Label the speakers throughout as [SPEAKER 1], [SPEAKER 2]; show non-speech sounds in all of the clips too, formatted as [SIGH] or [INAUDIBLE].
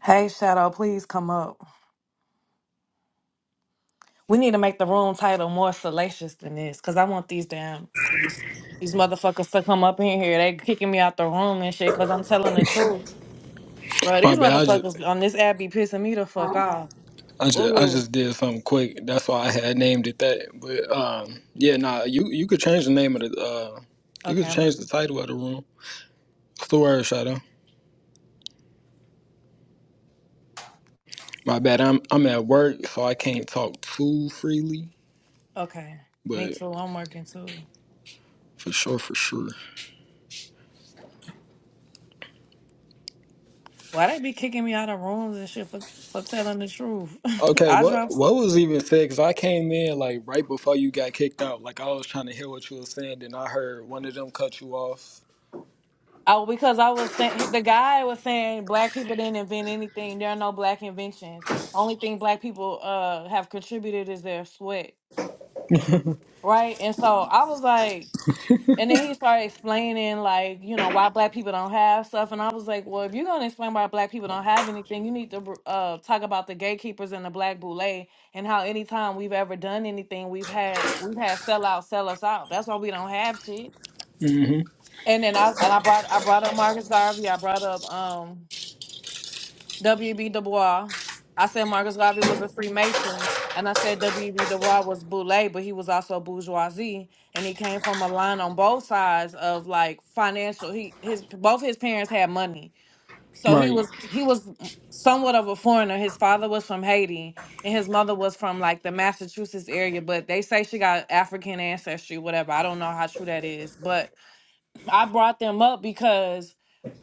[SPEAKER 1] Hey, Shadow, please come up. We need to make the room title more salacious than this, cause I want these damn these motherfuckers to come up in here. They kicking me out the room and shit, cause I'm telling the truth, bro.
[SPEAKER 2] My
[SPEAKER 1] These
[SPEAKER 2] bad. I just,
[SPEAKER 1] motherfuckers on this app be pissing me the fuck
[SPEAKER 2] I
[SPEAKER 1] off.
[SPEAKER 2] just, I
[SPEAKER 1] Ooh.
[SPEAKER 2] just did something quick. That's why I had named it that. But um, yeah, nah. You you could change the name of the uh, you
[SPEAKER 1] Okay,
[SPEAKER 2] could
[SPEAKER 1] I'm gonna
[SPEAKER 2] change the
[SPEAKER 1] see.
[SPEAKER 2] title of the room. It's the word shadow. My bad. I'm I'm at work, so I can't talk too freely.
[SPEAKER 1] Okay, me
[SPEAKER 2] But
[SPEAKER 1] too. I'm working too.
[SPEAKER 2] for sure, for sure.
[SPEAKER 1] Why they be kicking me out of rooms and shit for for telling the truth? [LAUGHS]
[SPEAKER 2] Okay.
[SPEAKER 1] I
[SPEAKER 2] What
[SPEAKER 1] dropped.
[SPEAKER 2] what was even said? Cause I came in like right before you got kicked out. Like I was trying to hear what you were saying, then I heard one of them cut you off.
[SPEAKER 1] Oh, because I was saying the guy was saying black people didn't invent anything. There are no black inventions. Only thing black people uh have contributed is their sweat, right? And so I was like, and then he started explaining like you know why black people don't have stuff, and I was like, well, if you're gonna explain why black people don't have anything, you need to br- uh talk about the gatekeepers and the black boule and how anytime we've ever done anything, we've had we've had sell out, sell us out. That's why we don't have shit.
[SPEAKER 2] hmm
[SPEAKER 1] And then I and I brought I brought up Marcus Garvey. I brought up um W.B. Du Bois. I said Marcus Garvey was a Freemason, and I said W.B. Du Bois was boule, but he was also bourgeoisie, and he came from a line on both sides of like financial. He his both his parents had money, so he
[SPEAKER 2] Right.
[SPEAKER 1] was he was somewhat of a foreigner. His father was from Haiti, and his mother was from like the Massachusetts area, but they say she got African ancestry, whatever. I don't know how true that is, but I brought them up because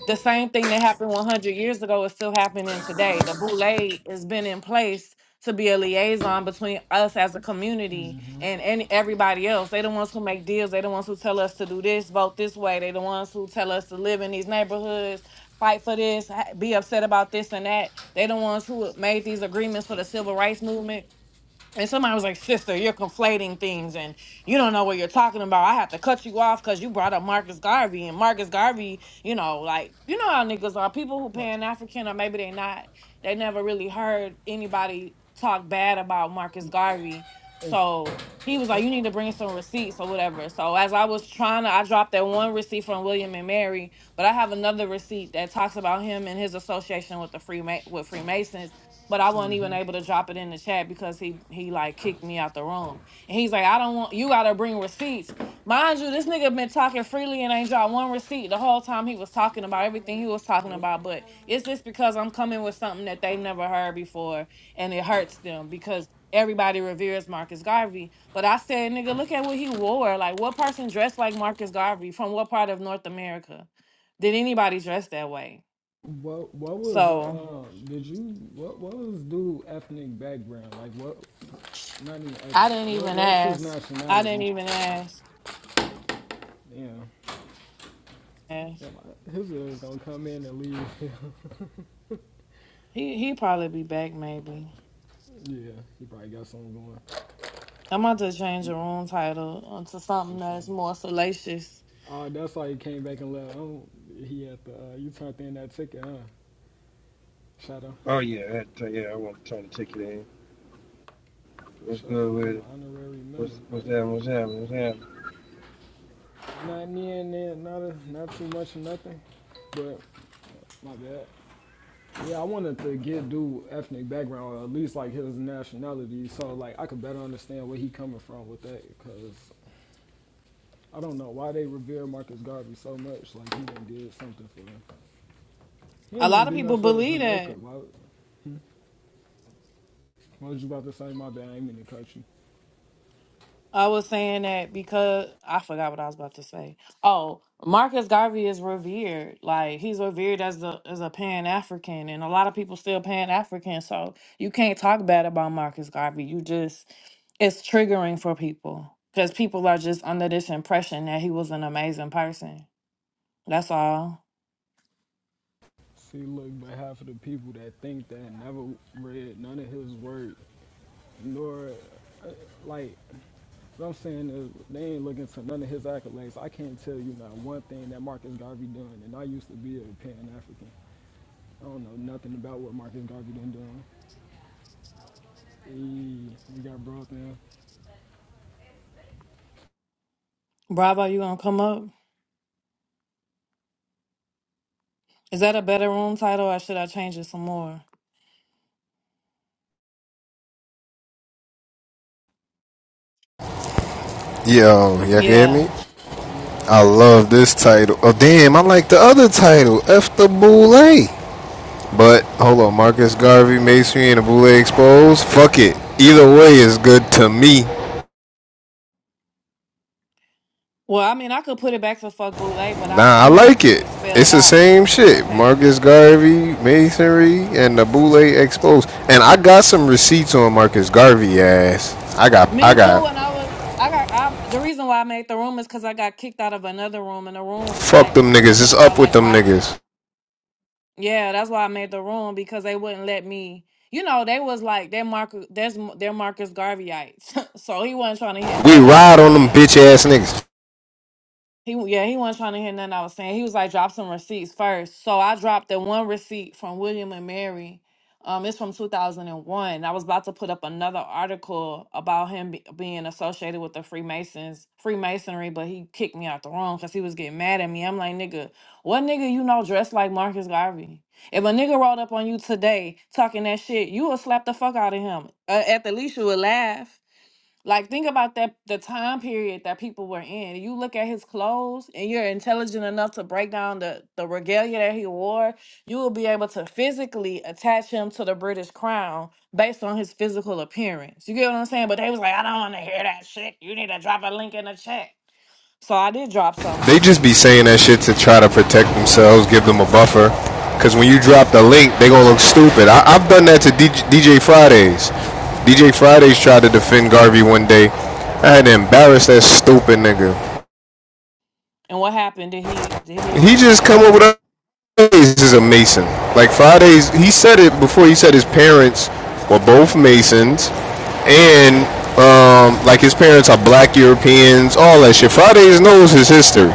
[SPEAKER 1] the same thing that happened 100 years ago is still happening today. The boule has been in place to be a liaison between us as a community and any, everybody else. They the ones who make deals. They the ones who tell us to do this, vote this way. They the ones who tell us to live in these neighborhoods, fight for this, ha- be upset about this and that. They the ones who made these agreements for the civil rights movement. And somebody was like, Sister, you're conflating things and you don't know what you're talking about. I have to cut you off because you brought up Marcus Garvey. And Marcus Garvey, you know, like, you know how niggas are people who pan
[SPEAKER 2] Right.
[SPEAKER 1] African or maybe they not, they never really heard anybody talk bad about Marcus Garvey. So he was like, You need to bring some receipts or whatever. So as I was trying to, I dropped that one receipt from William and Mary, but I have another receipt that talks about him and his association with the Freema- with Freemasons but I wasn't even able to drop it in the chat because he he like kicked me out the room. And he's like, I don't want you gotta bring receipts. Mind you, this nigga been talking freely and ain't dropped one receipt the whole time he was talking about everything he was talking about. But it's just because I'm coming with something that they've never heard before and it hurts them because everybody reveres Marcus Garvey. But I said, nigga, look at what he wore. Like what person dressed like Marcus Garvey from what part of North America? Did anybody dress that way?
[SPEAKER 2] What what was the
[SPEAKER 1] So
[SPEAKER 2] uh did you what what was dude ethnic background like what not even
[SPEAKER 1] I didn't
[SPEAKER 2] ethnic what
[SPEAKER 1] even
[SPEAKER 2] what's his
[SPEAKER 1] ask. I didn't
[SPEAKER 2] nationality
[SPEAKER 1] even ask.
[SPEAKER 2] yeah
[SPEAKER 1] Ask.
[SPEAKER 2] yeah my- his is gonna come in and leave [LAUGHS]
[SPEAKER 1] He he probably be back maybe.
[SPEAKER 2] yeah he probably got something going
[SPEAKER 1] I'm about to change the room title to
[SPEAKER 2] for
[SPEAKER 1] something
[SPEAKER 2] sure
[SPEAKER 1] that's more salacious.
[SPEAKER 2] uh that's why he came back and left oh he had the uh you turned in that ticket huh shadow
[SPEAKER 3] Oh yeah, that, yeah. I want to try to take it in.
[SPEAKER 2] for
[SPEAKER 3] What's
[SPEAKER 2] sure
[SPEAKER 3] good
[SPEAKER 2] become
[SPEAKER 3] with
[SPEAKER 2] an
[SPEAKER 3] it?
[SPEAKER 2] honorary member
[SPEAKER 3] What's what's
[SPEAKER 2] brother
[SPEAKER 3] that? What's happening? What's happening?
[SPEAKER 2] not near and there not a, not too much of nothing but my bad Yeah, I wanted to get dude ethnic background or at least like his nationality, so like I could better understand where he coming from with that. Because I don't know why they revere Marcus Garvey so much. Like he done did something for them. He
[SPEAKER 1] A
[SPEAKER 2] didn't
[SPEAKER 1] lot
[SPEAKER 2] even
[SPEAKER 1] of
[SPEAKER 2] do nothing
[SPEAKER 1] people
[SPEAKER 2] for
[SPEAKER 1] believe
[SPEAKER 2] Jamaica.
[SPEAKER 1] that.
[SPEAKER 2] Why? What was you about to say? My bad. I ain't mean to cut you.
[SPEAKER 1] I was saying that because I forgot what I was about to say. Oh, Marcus Garvey is revered. Like he's revered as the as a Pan African, and a lot of people still Pan African. So you can't talk bad about Marcus Garvey. You just it's triggering for people because people are just under this impression that he was an amazing person. That's all.
[SPEAKER 2] See, look, but half of the people that think that never read none of his work, nor like what I'm saying is they ain't looking to none of his accolades. I can't tell you not one thing that Marcus Garvey done, and I used to be a Pan African. I don't know nothing about what Marcus Garvey been doing. Hey, we got broke now.
[SPEAKER 1] Bravo, you gonna come up? Is that a better room title, or should I change it some more?
[SPEAKER 4] Yo, y'all can hear
[SPEAKER 1] Yeah.
[SPEAKER 4] me? I
[SPEAKER 2] Yo,
[SPEAKER 4] love this title. Oh, damn, I like the other title, F the Boule. But, hold on, Marcus Garvey, Masonry, and the Boule Exposed? Fuck it. Either way is good to me.
[SPEAKER 1] Well, I mean, I could put it back for fuck boule, but I I
[SPEAKER 4] Nah, I
[SPEAKER 1] want it
[SPEAKER 4] like
[SPEAKER 1] to
[SPEAKER 4] it.
[SPEAKER 1] be spelled
[SPEAKER 4] It's the
[SPEAKER 1] out.
[SPEAKER 4] same shit.
[SPEAKER 1] Okay.
[SPEAKER 4] Marcus Garvey, Masonry, and the Boule Exposed. And I got some receipts on Marcus Garvey ass. I got, I
[SPEAKER 1] Me
[SPEAKER 4] got,
[SPEAKER 1] too. And I was I got I the reason why I made the room is because I got kicked out of another room, and the room was
[SPEAKER 4] fuck
[SPEAKER 1] like
[SPEAKER 4] them niggas.
[SPEAKER 1] something
[SPEAKER 4] It's
[SPEAKER 1] about
[SPEAKER 4] up with
[SPEAKER 1] like
[SPEAKER 4] them
[SPEAKER 1] why.
[SPEAKER 4] niggas.
[SPEAKER 1] Yeah, that's why I made the room because they wouldn't let me. You know, they was like they're Marcus, there's they're Marcus Garveyites, [LAUGHS] so he wasn't trying to hear
[SPEAKER 4] We
[SPEAKER 1] nothing I was
[SPEAKER 4] ride on them
[SPEAKER 1] saying.
[SPEAKER 4] bitch ass niggas.
[SPEAKER 1] He w- yeah, he wasn't trying to hear nothing I was saying. He was like, drop some receipts first. So I dropped the one receipt from William and Mary. Um, it's from 2001. I was about to put up another article about him be- being associated with the Freemasons, Freemasonry, but he kicked me out the room because he was getting mad at me. I'm like, nigga, what nigga you know dressed like Marcus Garvey? If a nigga rolled up on you today talking that shit, you would slap the fuck out of him. Uh, at the least, you would laugh. Like think about that the time period that people were in. You look at his clothes and you're intelligent enough to break down the, the regalia that he wore, you will be able to physically attach him to the British crown based on his physical appearance. You get what I'm saying? But they was like, I don't wanna hear that shit. You need to drop a link in the chat. So I did drop something,
[SPEAKER 4] They
[SPEAKER 1] but
[SPEAKER 4] just be saying that shit to try to protect themselves, give them a buffer. Cause when you drop the link, they gonna look stupid. I, I've done that to DJ, Fridays. DJ Fridays tried to defend Garvey one day. I had to embarrass that stupid nigga.
[SPEAKER 1] and what happened? Did he did he
[SPEAKER 4] He just come
[SPEAKER 1] um
[SPEAKER 4] up with a Fridays is a Mason. Like Fridays, he said it before. He said his parents were both Masons, and um, like his parents are black Europeans, all that shit. Fridays knows his history.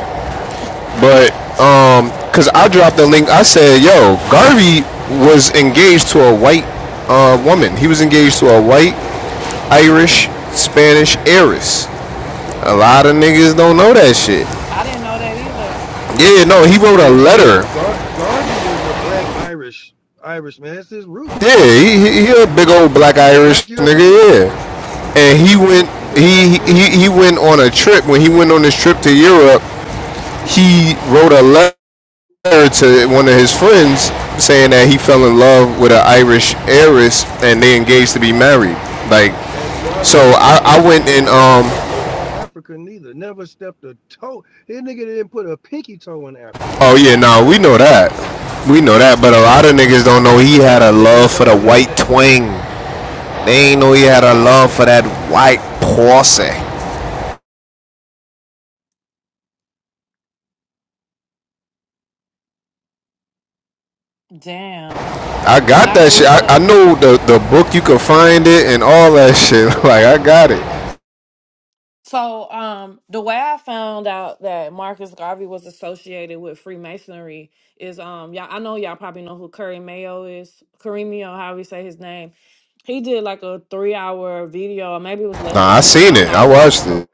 [SPEAKER 4] But um, cause I dropped the link. I said, "Yo, Garvey was engaged to a white uh, woman. He was engaged to a white Irish Spanish heiress. A lot of niggas don't know that shit.
[SPEAKER 1] I didn't know that either.
[SPEAKER 4] Yeah, no, he wrote a
[SPEAKER 3] Shit,
[SPEAKER 4] letter.
[SPEAKER 3] shit. Gar- Garvey is a black Irish Irish man. That's his roots.
[SPEAKER 4] Yeah, he,
[SPEAKER 3] He's
[SPEAKER 4] he,
[SPEAKER 3] a
[SPEAKER 4] he a
[SPEAKER 3] Irish.
[SPEAKER 4] big
[SPEAKER 3] He's a
[SPEAKER 4] old
[SPEAKER 3] Euro-
[SPEAKER 4] black
[SPEAKER 3] he's a
[SPEAKER 4] Irish
[SPEAKER 3] black
[SPEAKER 4] nigga.
[SPEAKER 3] European.
[SPEAKER 4] Yeah, and he went."
[SPEAKER 3] He's a black
[SPEAKER 4] He, he he
[SPEAKER 3] European.
[SPEAKER 4] went on a trip. When he went on this trip to Europe, he wrote a letter to one of his friends saying that he fell in love with an Irish heiress and they engaged to be married. Like,
[SPEAKER 3] And
[SPEAKER 4] so
[SPEAKER 3] Bravo, mind
[SPEAKER 4] I,
[SPEAKER 3] you,
[SPEAKER 4] I went
[SPEAKER 3] that
[SPEAKER 4] and
[SPEAKER 3] nigga never
[SPEAKER 4] um,
[SPEAKER 3] stepped foot on Africa neither. Never stepped a toe. His nigga didn't put a pinky toe in Africa
[SPEAKER 4] oh yeah, no, we
[SPEAKER 3] ever.
[SPEAKER 4] know that, we know that, but a lot of niggas don't know he
[SPEAKER 3] A
[SPEAKER 4] had
[SPEAKER 3] lot
[SPEAKER 4] a
[SPEAKER 3] of niggas
[SPEAKER 4] love for the
[SPEAKER 3] don't know
[SPEAKER 4] white
[SPEAKER 3] that.
[SPEAKER 4] twang. They ain't know he had a love for that white pussy.
[SPEAKER 1] Damn.
[SPEAKER 4] I
[SPEAKER 1] When
[SPEAKER 4] got
[SPEAKER 1] I
[SPEAKER 4] that shit. I,
[SPEAKER 1] Googled
[SPEAKER 4] I know the the book you can find it and all that shit. [LAUGHS] Like I got it.
[SPEAKER 1] So, um, the way I found out that Marcus Garvey was associated with Freemasonry is, um, y'all, I know y'all probably know who Curry Mayo is, Karimio, how we say his name. He did like a three hour video, or maybe it was less
[SPEAKER 4] Nah,
[SPEAKER 1] than
[SPEAKER 4] I
[SPEAKER 1] that. I
[SPEAKER 4] seen
[SPEAKER 1] don't
[SPEAKER 4] it.
[SPEAKER 1] know. I
[SPEAKER 4] I
[SPEAKER 1] watched
[SPEAKER 4] watched
[SPEAKER 1] the whole.
[SPEAKER 4] it.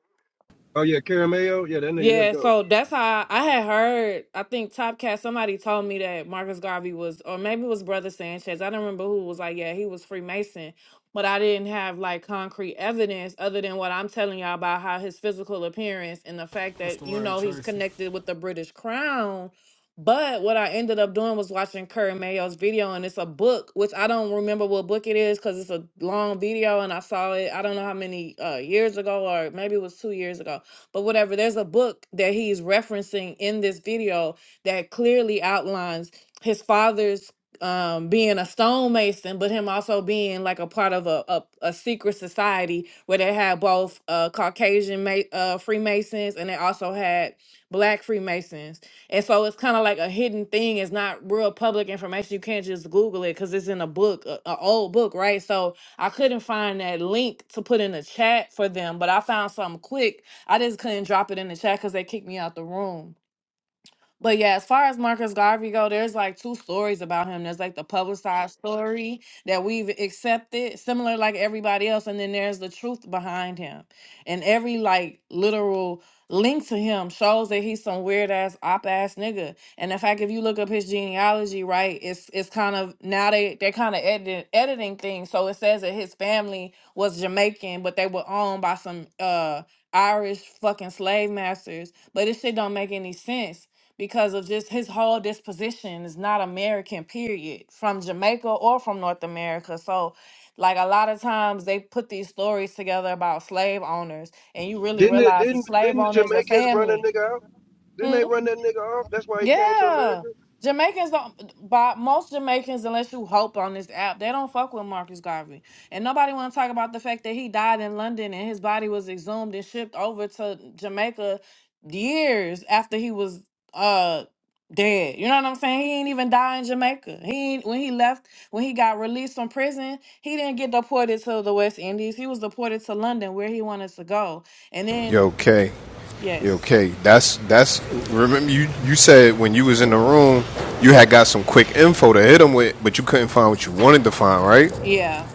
[SPEAKER 3] Oh yeah, Carameo. Yeah, that nigga that
[SPEAKER 1] Yeah,
[SPEAKER 3] dope.
[SPEAKER 1] so that's how I had heard. I think Top Cat, somebody told me that Marcus Garvey was, or maybe it was Brother Sanchez. I don't remember who was like, yeah, he was Freemason. But I didn't have like concrete evidence other than what I'm telling y'all about how his physical appearance and the fact
[SPEAKER 2] what's the
[SPEAKER 1] that, you
[SPEAKER 2] word,
[SPEAKER 1] know, he's
[SPEAKER 2] Tracy?
[SPEAKER 1] connected with the British crown. But what I ended up doing was watching Kurt Mayo's video, and it's a book, which I don't remember what book it is because it's a long video, and I saw it, I don't know how many uh, years ago, or maybe it was two years ago but whatever. There's a book that he's referencing in this video that clearly outlines his father's um being a stonemason but him also being like a part of a a, a secret society where they had both uh caucasian ma- uh freemasons and they also had black freemasons and so it's kind of like a hidden thing it's not real public information you can't just google it because it's in a book a, a old book right so i couldn't find that link to put in the chat for them but i found something quick I just couldn't drop it in the chat because they kicked me out the room. But yeah, as far as Marcus Garvey go, there's like two stories about him. There's like the publicized story that we've accepted, similar like everybody else, and then there's the truth behind him. And every like literal link to him shows that he's some weird ass op ass nigga. And in fact, if you look up his genealogy, right, it's it's kind of now they they're kind of edit, editing things. So it says that his family was Jamaican, but they were owned by some uh Irish fucking slave masters. But this shit don't make any sense because of just his whole disposition is not American, period, from Jamaica or from North America. So, like a lot of times they put these stories together about slave owners, and you really
[SPEAKER 3] Didn't it,
[SPEAKER 1] realize the
[SPEAKER 3] didn't
[SPEAKER 1] slave
[SPEAKER 3] didn't the
[SPEAKER 1] owners are
[SPEAKER 3] Jamaicans run a
[SPEAKER 1] family.
[SPEAKER 3] nigga out? Didn't
[SPEAKER 1] Hmm?
[SPEAKER 3] they run that nigga off? That's why he came to
[SPEAKER 1] Yeah.
[SPEAKER 3] America.
[SPEAKER 1] Jamaicans don't by most Jamaicans, unless you hope on this app, they don't fuck with Marcus Garvey. And nobody wanna talk about the fact that he died in London and his body was exhumed and shipped over to Jamaica years after he was uh dead. You know what I'm saying? He ain't even die in Jamaica. He ain't, when he left, when he got released from prison, he didn't get deported to the West Indies. He was deported to London where he wanted to go. And then
[SPEAKER 4] Yo, okay. Yeah,
[SPEAKER 1] yes.
[SPEAKER 4] Okay, that's that's. Remember, you you said when you was in the room, you had got some quick info to hit them with, but you couldn't find what you wanted to find. Right?
[SPEAKER 1] Yeah.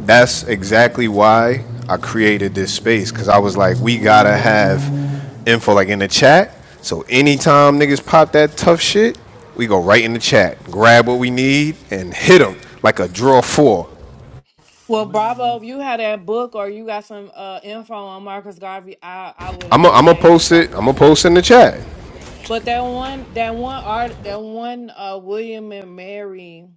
[SPEAKER 4] That's exactly why I created this space because I was like, we gotta have info like in the chat. So anytime niggas pop that tough shit, we go right in the chat, grab what we need, and hit them like a draw four.
[SPEAKER 1] Well, Bravo,
[SPEAKER 2] Literally.
[SPEAKER 1] if you had that book or you got some uh info on Marcus Garvey, I I would
[SPEAKER 4] I'm gonna
[SPEAKER 1] appreciate it
[SPEAKER 4] post it.
[SPEAKER 1] dropping.
[SPEAKER 4] I'm gonna post it in the chat.
[SPEAKER 1] But that one that one art that one uh William and Mary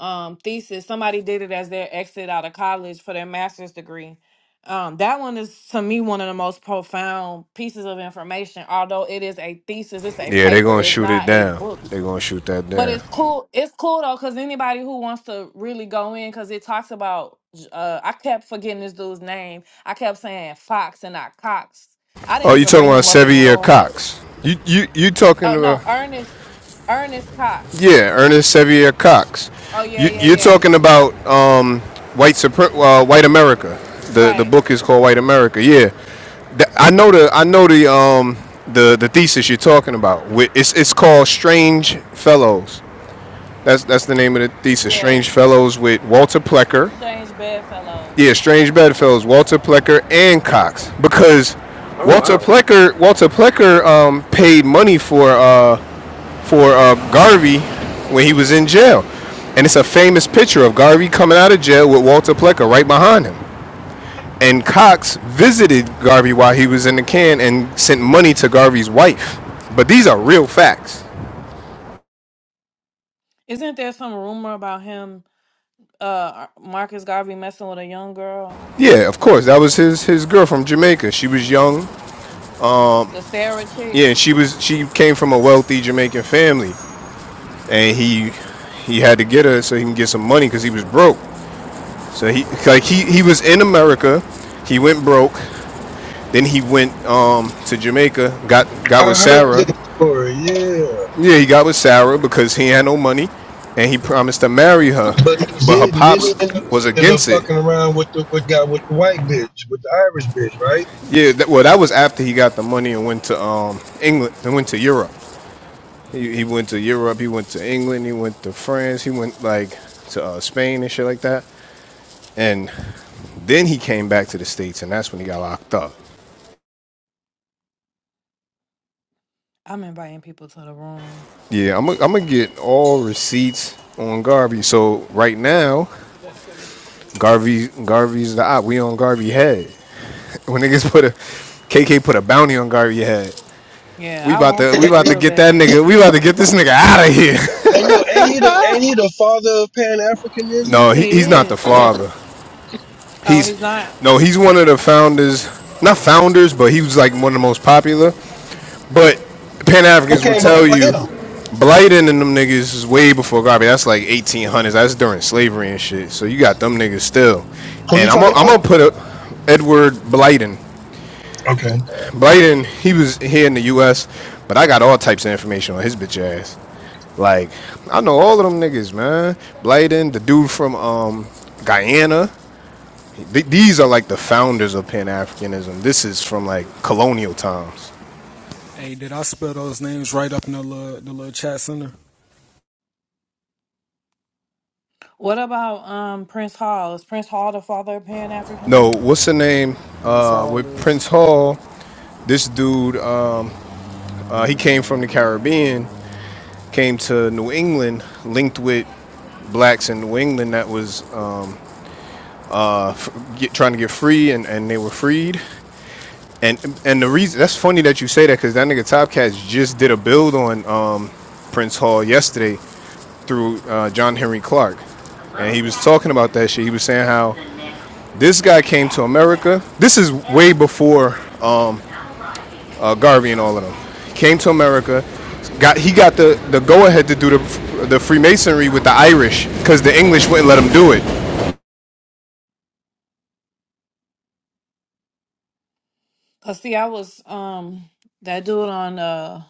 [SPEAKER 1] um thesis, somebody did it as their exit out of college for their master's degree. Um that one is to me one of the most profound pieces of information. Although it is a thesis, it's a
[SPEAKER 4] Yeah, they're
[SPEAKER 1] paper,
[SPEAKER 4] gonna
[SPEAKER 1] it's
[SPEAKER 4] shoot it
[SPEAKER 1] not a
[SPEAKER 4] down.
[SPEAKER 1] book.
[SPEAKER 4] They're gonna shoot that
[SPEAKER 1] But
[SPEAKER 4] down.
[SPEAKER 1] it's cool. It's cool though, because anybody who wants to really go in, because it talks about. Uh, I kept forgetting this dude's name. I kept saying Fox and not Cox. I didn't
[SPEAKER 4] Oh, you
[SPEAKER 1] even
[SPEAKER 4] talking
[SPEAKER 1] bring
[SPEAKER 4] about
[SPEAKER 1] him up in the
[SPEAKER 4] Sevier
[SPEAKER 1] room, but
[SPEAKER 4] Cox? You you you
[SPEAKER 1] oh
[SPEAKER 4] talking
[SPEAKER 1] no,
[SPEAKER 4] about
[SPEAKER 1] Ernest, Ernest Cox.
[SPEAKER 4] yeah, Ernest Sevier Cox.
[SPEAKER 1] Oh yeah,
[SPEAKER 4] You
[SPEAKER 1] yeah,
[SPEAKER 4] you're
[SPEAKER 1] yeah.
[SPEAKER 4] talking about um, white Supre- uh, white America. The the
[SPEAKER 1] Right.
[SPEAKER 4] book is called White America. Yeah, Th- I know the I know the um the the thesis you're talking about. Wi- It's it's called Strange Fellows. That's that's the name of the thesis. Strange
[SPEAKER 1] Yes.
[SPEAKER 4] Fellows with Walter Plecker
[SPEAKER 1] Change
[SPEAKER 4] Yeah,
[SPEAKER 1] bedfellows.
[SPEAKER 4] strange bedfellows, Walter Plecker and Cox, because
[SPEAKER 3] Oh
[SPEAKER 4] Walter
[SPEAKER 3] wow.
[SPEAKER 4] Plecker, Walter Plecker, um, paid money for uh, for uh, Garvey when he was in jail, and it's a famous picture of Garvey coming out of jail with Walter Plecker right behind him. And Cox visited Garvey while he was in the can and sent money to Garvey's wife. But these are real facts.
[SPEAKER 1] Isn't there some rumor about him? Uh, Marcus Garvey messing with a young girl,
[SPEAKER 4] Yeah, of course, that was his his girl from Jamaica. She was young.
[SPEAKER 1] the Sarah chick.
[SPEAKER 4] Yeah, and she was she came from a wealthy Jamaican family. and he he had to get her so he can get some money because he was broke. So he like he he was in America, he went broke. Then he went um to Jamaica, got got
[SPEAKER 3] I
[SPEAKER 4] with
[SPEAKER 3] heard
[SPEAKER 4] Sarah.
[SPEAKER 3] that story, yeah.
[SPEAKER 4] Yeah, he got with Sarah because he had no money, and he promised to marry her,
[SPEAKER 3] But he
[SPEAKER 4] but her
[SPEAKER 3] didn't. Then he
[SPEAKER 4] pops
[SPEAKER 3] ended
[SPEAKER 4] was
[SPEAKER 3] up end up
[SPEAKER 4] against it.
[SPEAKER 3] fucking around with the with guy with the white bitch, with the Irish bitch, right?
[SPEAKER 4] Yeah, that, well, that was after he got the money and went to um England and went to Europe. He, he went to Europe, he went to England, he went to France, he went like to uh, Spain and shit like that. And Then he came back to the states, and that's when he got locked up.
[SPEAKER 1] I'm inviting people to the room.
[SPEAKER 4] Yeah, I'm gonna get all receipts on Garvey. So right now, Garvey Garvey's the op. We on Garvey head. [LAUGHS] When niggas put a KK put a bounty on Garvey head.
[SPEAKER 1] Yeah,
[SPEAKER 4] We
[SPEAKER 1] I
[SPEAKER 4] about
[SPEAKER 1] want
[SPEAKER 4] to
[SPEAKER 1] to
[SPEAKER 4] we about to
[SPEAKER 1] real
[SPEAKER 4] get that
[SPEAKER 1] bad.
[SPEAKER 4] nigga. We about to get this nigga out of here.
[SPEAKER 3] And yo, ain't he the ain't he the father of Pan
[SPEAKER 4] [LAUGHS]
[SPEAKER 3] Africanism?
[SPEAKER 4] no, he,
[SPEAKER 1] He
[SPEAKER 4] he's not the
[SPEAKER 1] is.
[SPEAKER 4] father.
[SPEAKER 1] Oh,
[SPEAKER 4] He's
[SPEAKER 1] he's not.
[SPEAKER 4] no, he's one of the founders. Not founders, but he was like one of the most popular. But Pan
[SPEAKER 3] Who
[SPEAKER 4] Africans will
[SPEAKER 3] came
[SPEAKER 4] tell
[SPEAKER 3] before
[SPEAKER 4] you,
[SPEAKER 3] him?
[SPEAKER 4] Blighton and them niggas is way before Garvey. That's like 1800s. That's during slavery and shit. So you got them niggas still.
[SPEAKER 3] Who you
[SPEAKER 4] And I'm gonna
[SPEAKER 3] talking
[SPEAKER 4] I'm
[SPEAKER 3] about?
[SPEAKER 4] gonna put up Edward Blighton.
[SPEAKER 3] Okay.
[SPEAKER 4] Blighton, he was here in the U.S., but I got all types of information on his bitch ass. Like I know all of them niggas, man. Blighton, the dude from um, Guyana. Th- these are like the founders of Pan Africanism. This is from like colonial times.
[SPEAKER 2] Hey, did I spell those names right up in the little, the little chat center?
[SPEAKER 1] What about um Prince Hall? Is Prince Hall the father of Pan
[SPEAKER 4] No,
[SPEAKER 1] Africanism?
[SPEAKER 4] what's
[SPEAKER 2] No,
[SPEAKER 4] the name?
[SPEAKER 2] Prince
[SPEAKER 4] Uh,
[SPEAKER 2] Hall
[SPEAKER 4] with
[SPEAKER 2] is.
[SPEAKER 4] Prince Hall, this dude, um, uh, he came from the Caribbean, came to New England, linked with blacks in New England that was uh, uh, f- get, trying to get free, and, and they were freed. And and the reason that's funny that you say that because that nigga Top Cats just did a build on um, Prince Hall yesterday through uh, John Henry Clark, and he was talking about that shit. He was saying how this guy came to America. This is way before Garvey and all of them. Came to America, got he got the, the go ahead to do the the Freemasonry with the Irish because the English wouldn't let him do it.
[SPEAKER 1] Cause see, I was um that dude on uh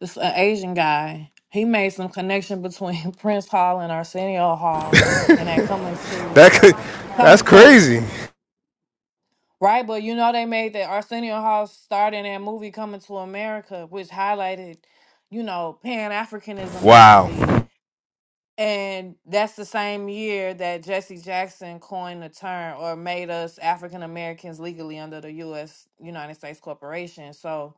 [SPEAKER 1] this uh, Asian guy. He made some connection between [LAUGHS] Prince Hall and Arsenio Hall, and that coming
[SPEAKER 4] That
[SPEAKER 1] to
[SPEAKER 4] could, that's
[SPEAKER 1] coming to
[SPEAKER 4] crazy.
[SPEAKER 1] right. But you know they made that Arsenio Hall starred in that movie Coming to America, which highlighted, you know, Pan Africanism
[SPEAKER 4] Wow,
[SPEAKER 1] basically And that's the same year that Jesse Jackson coined the term or made us African Americans legally under the U.S. United States Corporation. So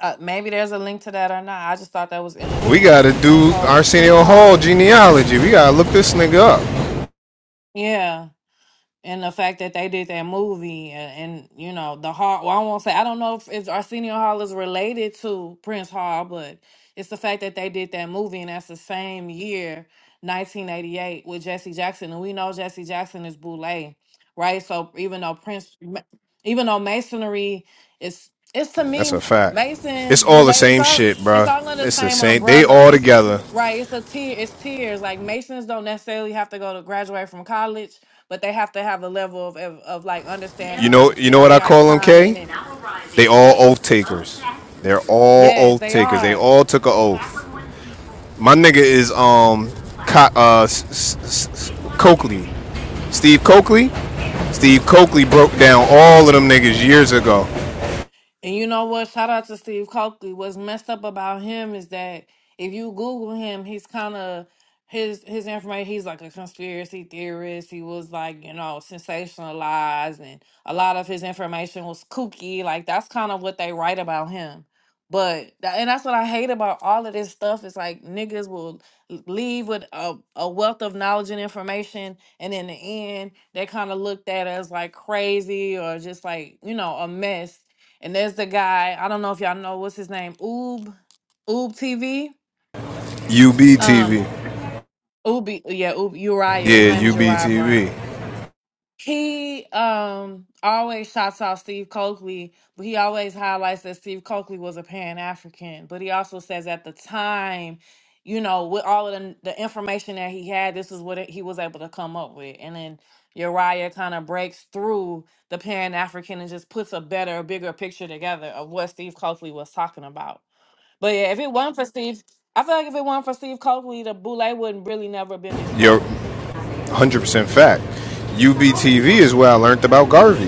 [SPEAKER 1] uh, maybe there's a link to that or not. I just thought that was
[SPEAKER 4] we
[SPEAKER 1] interesting. Like
[SPEAKER 4] gotta
[SPEAKER 1] the Prince
[SPEAKER 4] do
[SPEAKER 1] Hall. Prince
[SPEAKER 4] Arsenio Hall
[SPEAKER 1] Hall.
[SPEAKER 4] genealogy. We gotta look this nigga up.
[SPEAKER 1] Yeah. and the fact that they did that movie and, and you know the hall well i won't say i don't know if, if arsenio hall is related to prince hall but it's the fact that they did that movie and that's the same year 1988 with jesse jackson and we know jesse jackson is Boulay, right so even though prince even though masonry is it's to
[SPEAKER 4] That's a
[SPEAKER 1] me
[SPEAKER 4] fact.
[SPEAKER 1] masons
[SPEAKER 4] It's all the
[SPEAKER 1] Boulay. it's
[SPEAKER 4] same
[SPEAKER 1] all
[SPEAKER 4] shit,
[SPEAKER 1] it's
[SPEAKER 4] bro.
[SPEAKER 1] all under the
[SPEAKER 4] It's the
[SPEAKER 1] same
[SPEAKER 4] same. They
[SPEAKER 1] umbrella
[SPEAKER 4] all
[SPEAKER 1] it's
[SPEAKER 4] together.
[SPEAKER 1] right it's a tier it's tiers like masons don't necessarily have to go to graduate from college but they have to have a level of of, of like
[SPEAKER 4] You
[SPEAKER 1] understanding
[SPEAKER 4] know,
[SPEAKER 1] and
[SPEAKER 4] you
[SPEAKER 1] you
[SPEAKER 4] know
[SPEAKER 1] know
[SPEAKER 4] what
[SPEAKER 1] they
[SPEAKER 4] I
[SPEAKER 1] got to
[SPEAKER 4] call them,
[SPEAKER 1] sign
[SPEAKER 4] K?
[SPEAKER 1] in and
[SPEAKER 4] They all
[SPEAKER 1] what
[SPEAKER 4] oath takers. They're all
[SPEAKER 1] yes
[SPEAKER 4] oath
[SPEAKER 1] they
[SPEAKER 4] takers. They
[SPEAKER 1] are
[SPEAKER 4] all took an oath. My nigga is um, Co- uh, S- S- S- Coakley, Steve Coakley. Steve Coakley broke down all of them niggas years ago.
[SPEAKER 1] And you know what? Shout out to Steve Coakley. What's messed up about him is that if you Google him, he's kind of his his information. He's like a conspiracy theorist. He was like you know sensationalized, and a lot of his information was kooky. Like that's kind of what they write about him. But tha- and that's what I hate about all of this stuff. It's like niggas will l- leave with a, a wealth of knowledge and information, and in the end, they kind of looked at as like crazy or just like you know a mess and there's the guy, I don't know if y'all know what's his name, Oob, Oob TV. Um,
[SPEAKER 4] UBTV,
[SPEAKER 1] Oob, yeah, Oob Uriah. His
[SPEAKER 4] yeah,
[SPEAKER 1] name is Uriah Brown.
[SPEAKER 4] UBTV.
[SPEAKER 1] He um always shouts out Steve Coakley, but he always highlights that Steve Coakley was a Pan African. But he also says at the time, you know, with all of the, the information that he had, this is what he was able to come up with. And then Uriah kind of breaks through the Pan African and just puts a better, bigger picture together of what Steve Coakley was talking about. But yeah, if it was not for Steve, I feel like if it was not for Steve Coakley, the Boule wouldn't really never been
[SPEAKER 4] You're
[SPEAKER 1] exposed.
[SPEAKER 4] 100% fact. UBTV is where I learned about Garvey.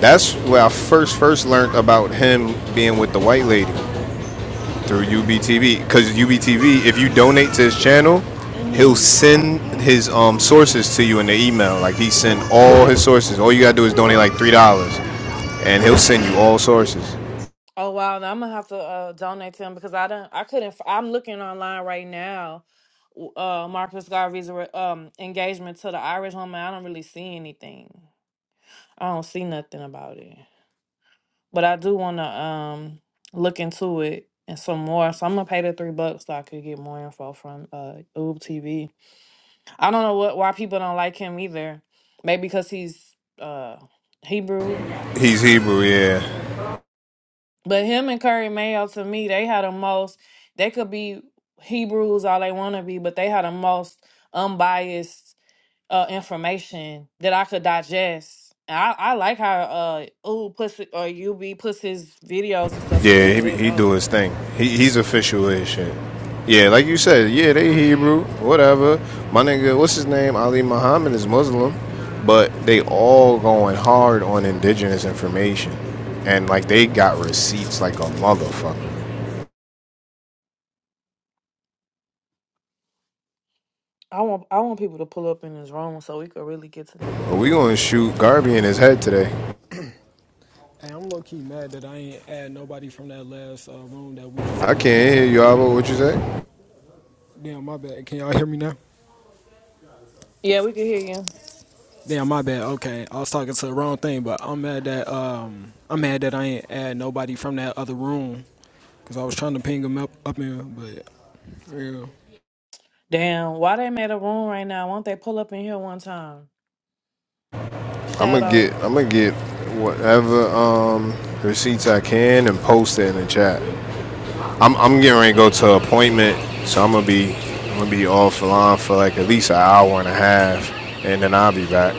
[SPEAKER 4] That's where I first first learned about him being with the white lady. through UBTV because UBTV, if you donate to his channel, he'll
[SPEAKER 1] hmm
[SPEAKER 4] send his um, sources to you in the email. Like he sent all his sources. All you gotta do is donate like three dollars, and he'll send you all sources.
[SPEAKER 1] Oh wow, now I'm gonna have to uh, donate to him because I don't, I couldn't. f- I'm looking online right now. w- Uh, Marcus Garvey's re- um engagement to the Irish woman. I don't really see anything. I don't see nothing about it. But I do want to um look into it and some more. So I'm gonna pay the three bucks so I could get more info from uh Oob TV. I don't know what why people don't like him either. Maybe because he's uh Hebrew.
[SPEAKER 4] He's Hebrew, yeah.
[SPEAKER 1] But him and Curry Mayo to me, they had the most they could be Hebrews all they wanna be, but they had the most unbiased uh information that I could digest. And I, I like how uh ooh pussy or UB puts his videos and stuff
[SPEAKER 4] Yeah, he,
[SPEAKER 1] together.
[SPEAKER 4] be-
[SPEAKER 1] They're
[SPEAKER 4] he do
[SPEAKER 1] dope.
[SPEAKER 4] his thing. He, he's official as shit. Yeah, like you said, yeah, they Hebrew, whatever. My nigga, what's his name? Ali Muhammad is Muslim, but they all going hard on indigenous information, and like they got receipts like a motherfucker.
[SPEAKER 1] I want I want people to pull up in this room so we could really get to the
[SPEAKER 4] But
[SPEAKER 1] nitty
[SPEAKER 4] we gonna
[SPEAKER 1] gritty.
[SPEAKER 4] shoot Garvey in his head today.
[SPEAKER 2] Hey, I'm low key mad that I ain't add nobody from that last uh, room that we was
[SPEAKER 4] I
[SPEAKER 2] in.
[SPEAKER 4] can't hear you, Abba. What you say?
[SPEAKER 2] Damn, my bad. Can y'all hear me now?
[SPEAKER 1] Yeah, we can hear you.
[SPEAKER 2] Damn, my bad. Okay, I was talking to the wrong thing, but I'm mad that um I'm mad that I ain't add nobody from that other room because I was trying to ping them up up in, but yeah,
[SPEAKER 1] Damn, why they made a room right now? Won't they pull up in here one time?
[SPEAKER 4] I'm gonna get,
[SPEAKER 1] Shadow.
[SPEAKER 4] I'm gonna get whatever um receipts I can and post it in the chat. I'm I'm getting ready to go to an appointment, so I'm gonna be I'm gonna be offline for like at least an hour and a half, and then I'll be back.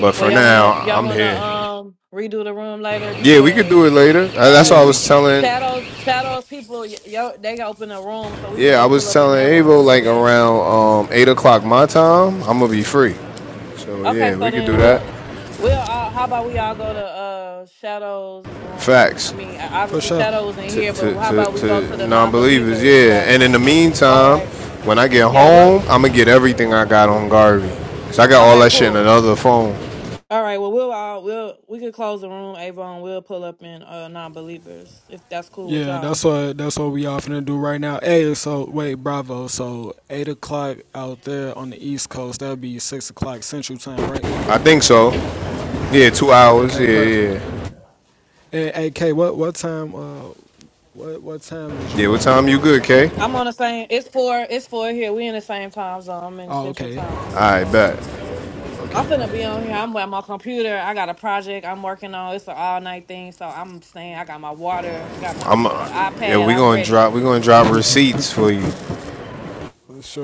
[SPEAKER 4] But
[SPEAKER 1] Well,
[SPEAKER 4] for
[SPEAKER 1] y'all
[SPEAKER 4] now,
[SPEAKER 1] wanna y'all
[SPEAKER 4] I'm
[SPEAKER 1] wanna
[SPEAKER 4] here.
[SPEAKER 1] um redo the room later
[SPEAKER 4] Yeah, we could
[SPEAKER 1] because
[SPEAKER 4] do it later. Uh, That's what
[SPEAKER 1] uh
[SPEAKER 4] I
[SPEAKER 2] yeah.
[SPEAKER 4] was telling.
[SPEAKER 1] shadows shadows people y- yo they going open a room so we could
[SPEAKER 4] Yeah, I
[SPEAKER 1] go pull
[SPEAKER 4] was
[SPEAKER 1] up in
[SPEAKER 4] telling
[SPEAKER 1] that
[SPEAKER 4] Avo
[SPEAKER 1] room and
[SPEAKER 4] like
[SPEAKER 1] then
[SPEAKER 4] around um, eight o'clock my time, I'm gonna be free. So
[SPEAKER 1] okay
[SPEAKER 4] yeah,
[SPEAKER 1] so
[SPEAKER 4] we could
[SPEAKER 1] then
[SPEAKER 4] do that.
[SPEAKER 1] we'll we'll all how about we all go to uh shadows room? I
[SPEAKER 4] Facts
[SPEAKER 1] mean I- obviously shadow was in
[SPEAKER 4] to
[SPEAKER 1] here
[SPEAKER 4] to
[SPEAKER 1] but how
[SPEAKER 4] to,
[SPEAKER 1] about we go to
[SPEAKER 4] to
[SPEAKER 1] the non
[SPEAKER 4] non-believers.
[SPEAKER 1] believers
[SPEAKER 4] Yeah, and
[SPEAKER 1] rather?
[SPEAKER 4] in the
[SPEAKER 1] All
[SPEAKER 4] meantime,
[SPEAKER 1] right,
[SPEAKER 4] when I get
[SPEAKER 1] yeah
[SPEAKER 4] home,
[SPEAKER 1] we'll
[SPEAKER 4] I'm gonna get everything I got on Garvey. Cause I got all
[SPEAKER 1] okay
[SPEAKER 4] that shit in
[SPEAKER 1] cool.
[SPEAKER 4] another phone.
[SPEAKER 1] All right. Well, we'll all we'll we could close the room, Avon. We'll pull up in uh non-believers if that's cool with
[SPEAKER 2] Yeah, that's
[SPEAKER 1] y'all.
[SPEAKER 2] what that's what we all finna do right now. Hey, so wait, Bravo. So eight o'clock out there on the East Coast. That'll be six o'clock Central Time, right?
[SPEAKER 4] I think so. Yeah, two hours.
[SPEAKER 2] Okay,
[SPEAKER 4] Yeah, yeah,
[SPEAKER 2] perfect.
[SPEAKER 4] yeah.
[SPEAKER 2] And AK, what what time? Uh, what what time is
[SPEAKER 4] Yeah,
[SPEAKER 2] you
[SPEAKER 4] What
[SPEAKER 2] on?
[SPEAKER 4] time you good, K?
[SPEAKER 1] I'm
[SPEAKER 4] All
[SPEAKER 1] on the same. It's four. It's four here. We in the same time zone. I'm in
[SPEAKER 2] Oh,
[SPEAKER 1] central
[SPEAKER 2] okay,
[SPEAKER 1] time
[SPEAKER 4] right,
[SPEAKER 1] too. So
[SPEAKER 4] bet.
[SPEAKER 1] I'm
[SPEAKER 2] okay, per-
[SPEAKER 1] finna be on here. I'm at my computer. I got a project I'm working on. It's an all night thing. So I'm saying I got my water. I got my
[SPEAKER 4] I'm. Uh,
[SPEAKER 1] uh,
[SPEAKER 4] yeah,
[SPEAKER 1] iPad.
[SPEAKER 4] we
[SPEAKER 1] I'm
[SPEAKER 4] gonna
[SPEAKER 1] ready.
[SPEAKER 4] drop. We gonna drop receipts for you.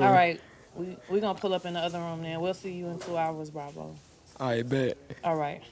[SPEAKER 1] All right. We we gonna pull up in the other room then. We'll see you in two hours, Bravo.
[SPEAKER 2] I bet.
[SPEAKER 1] All right.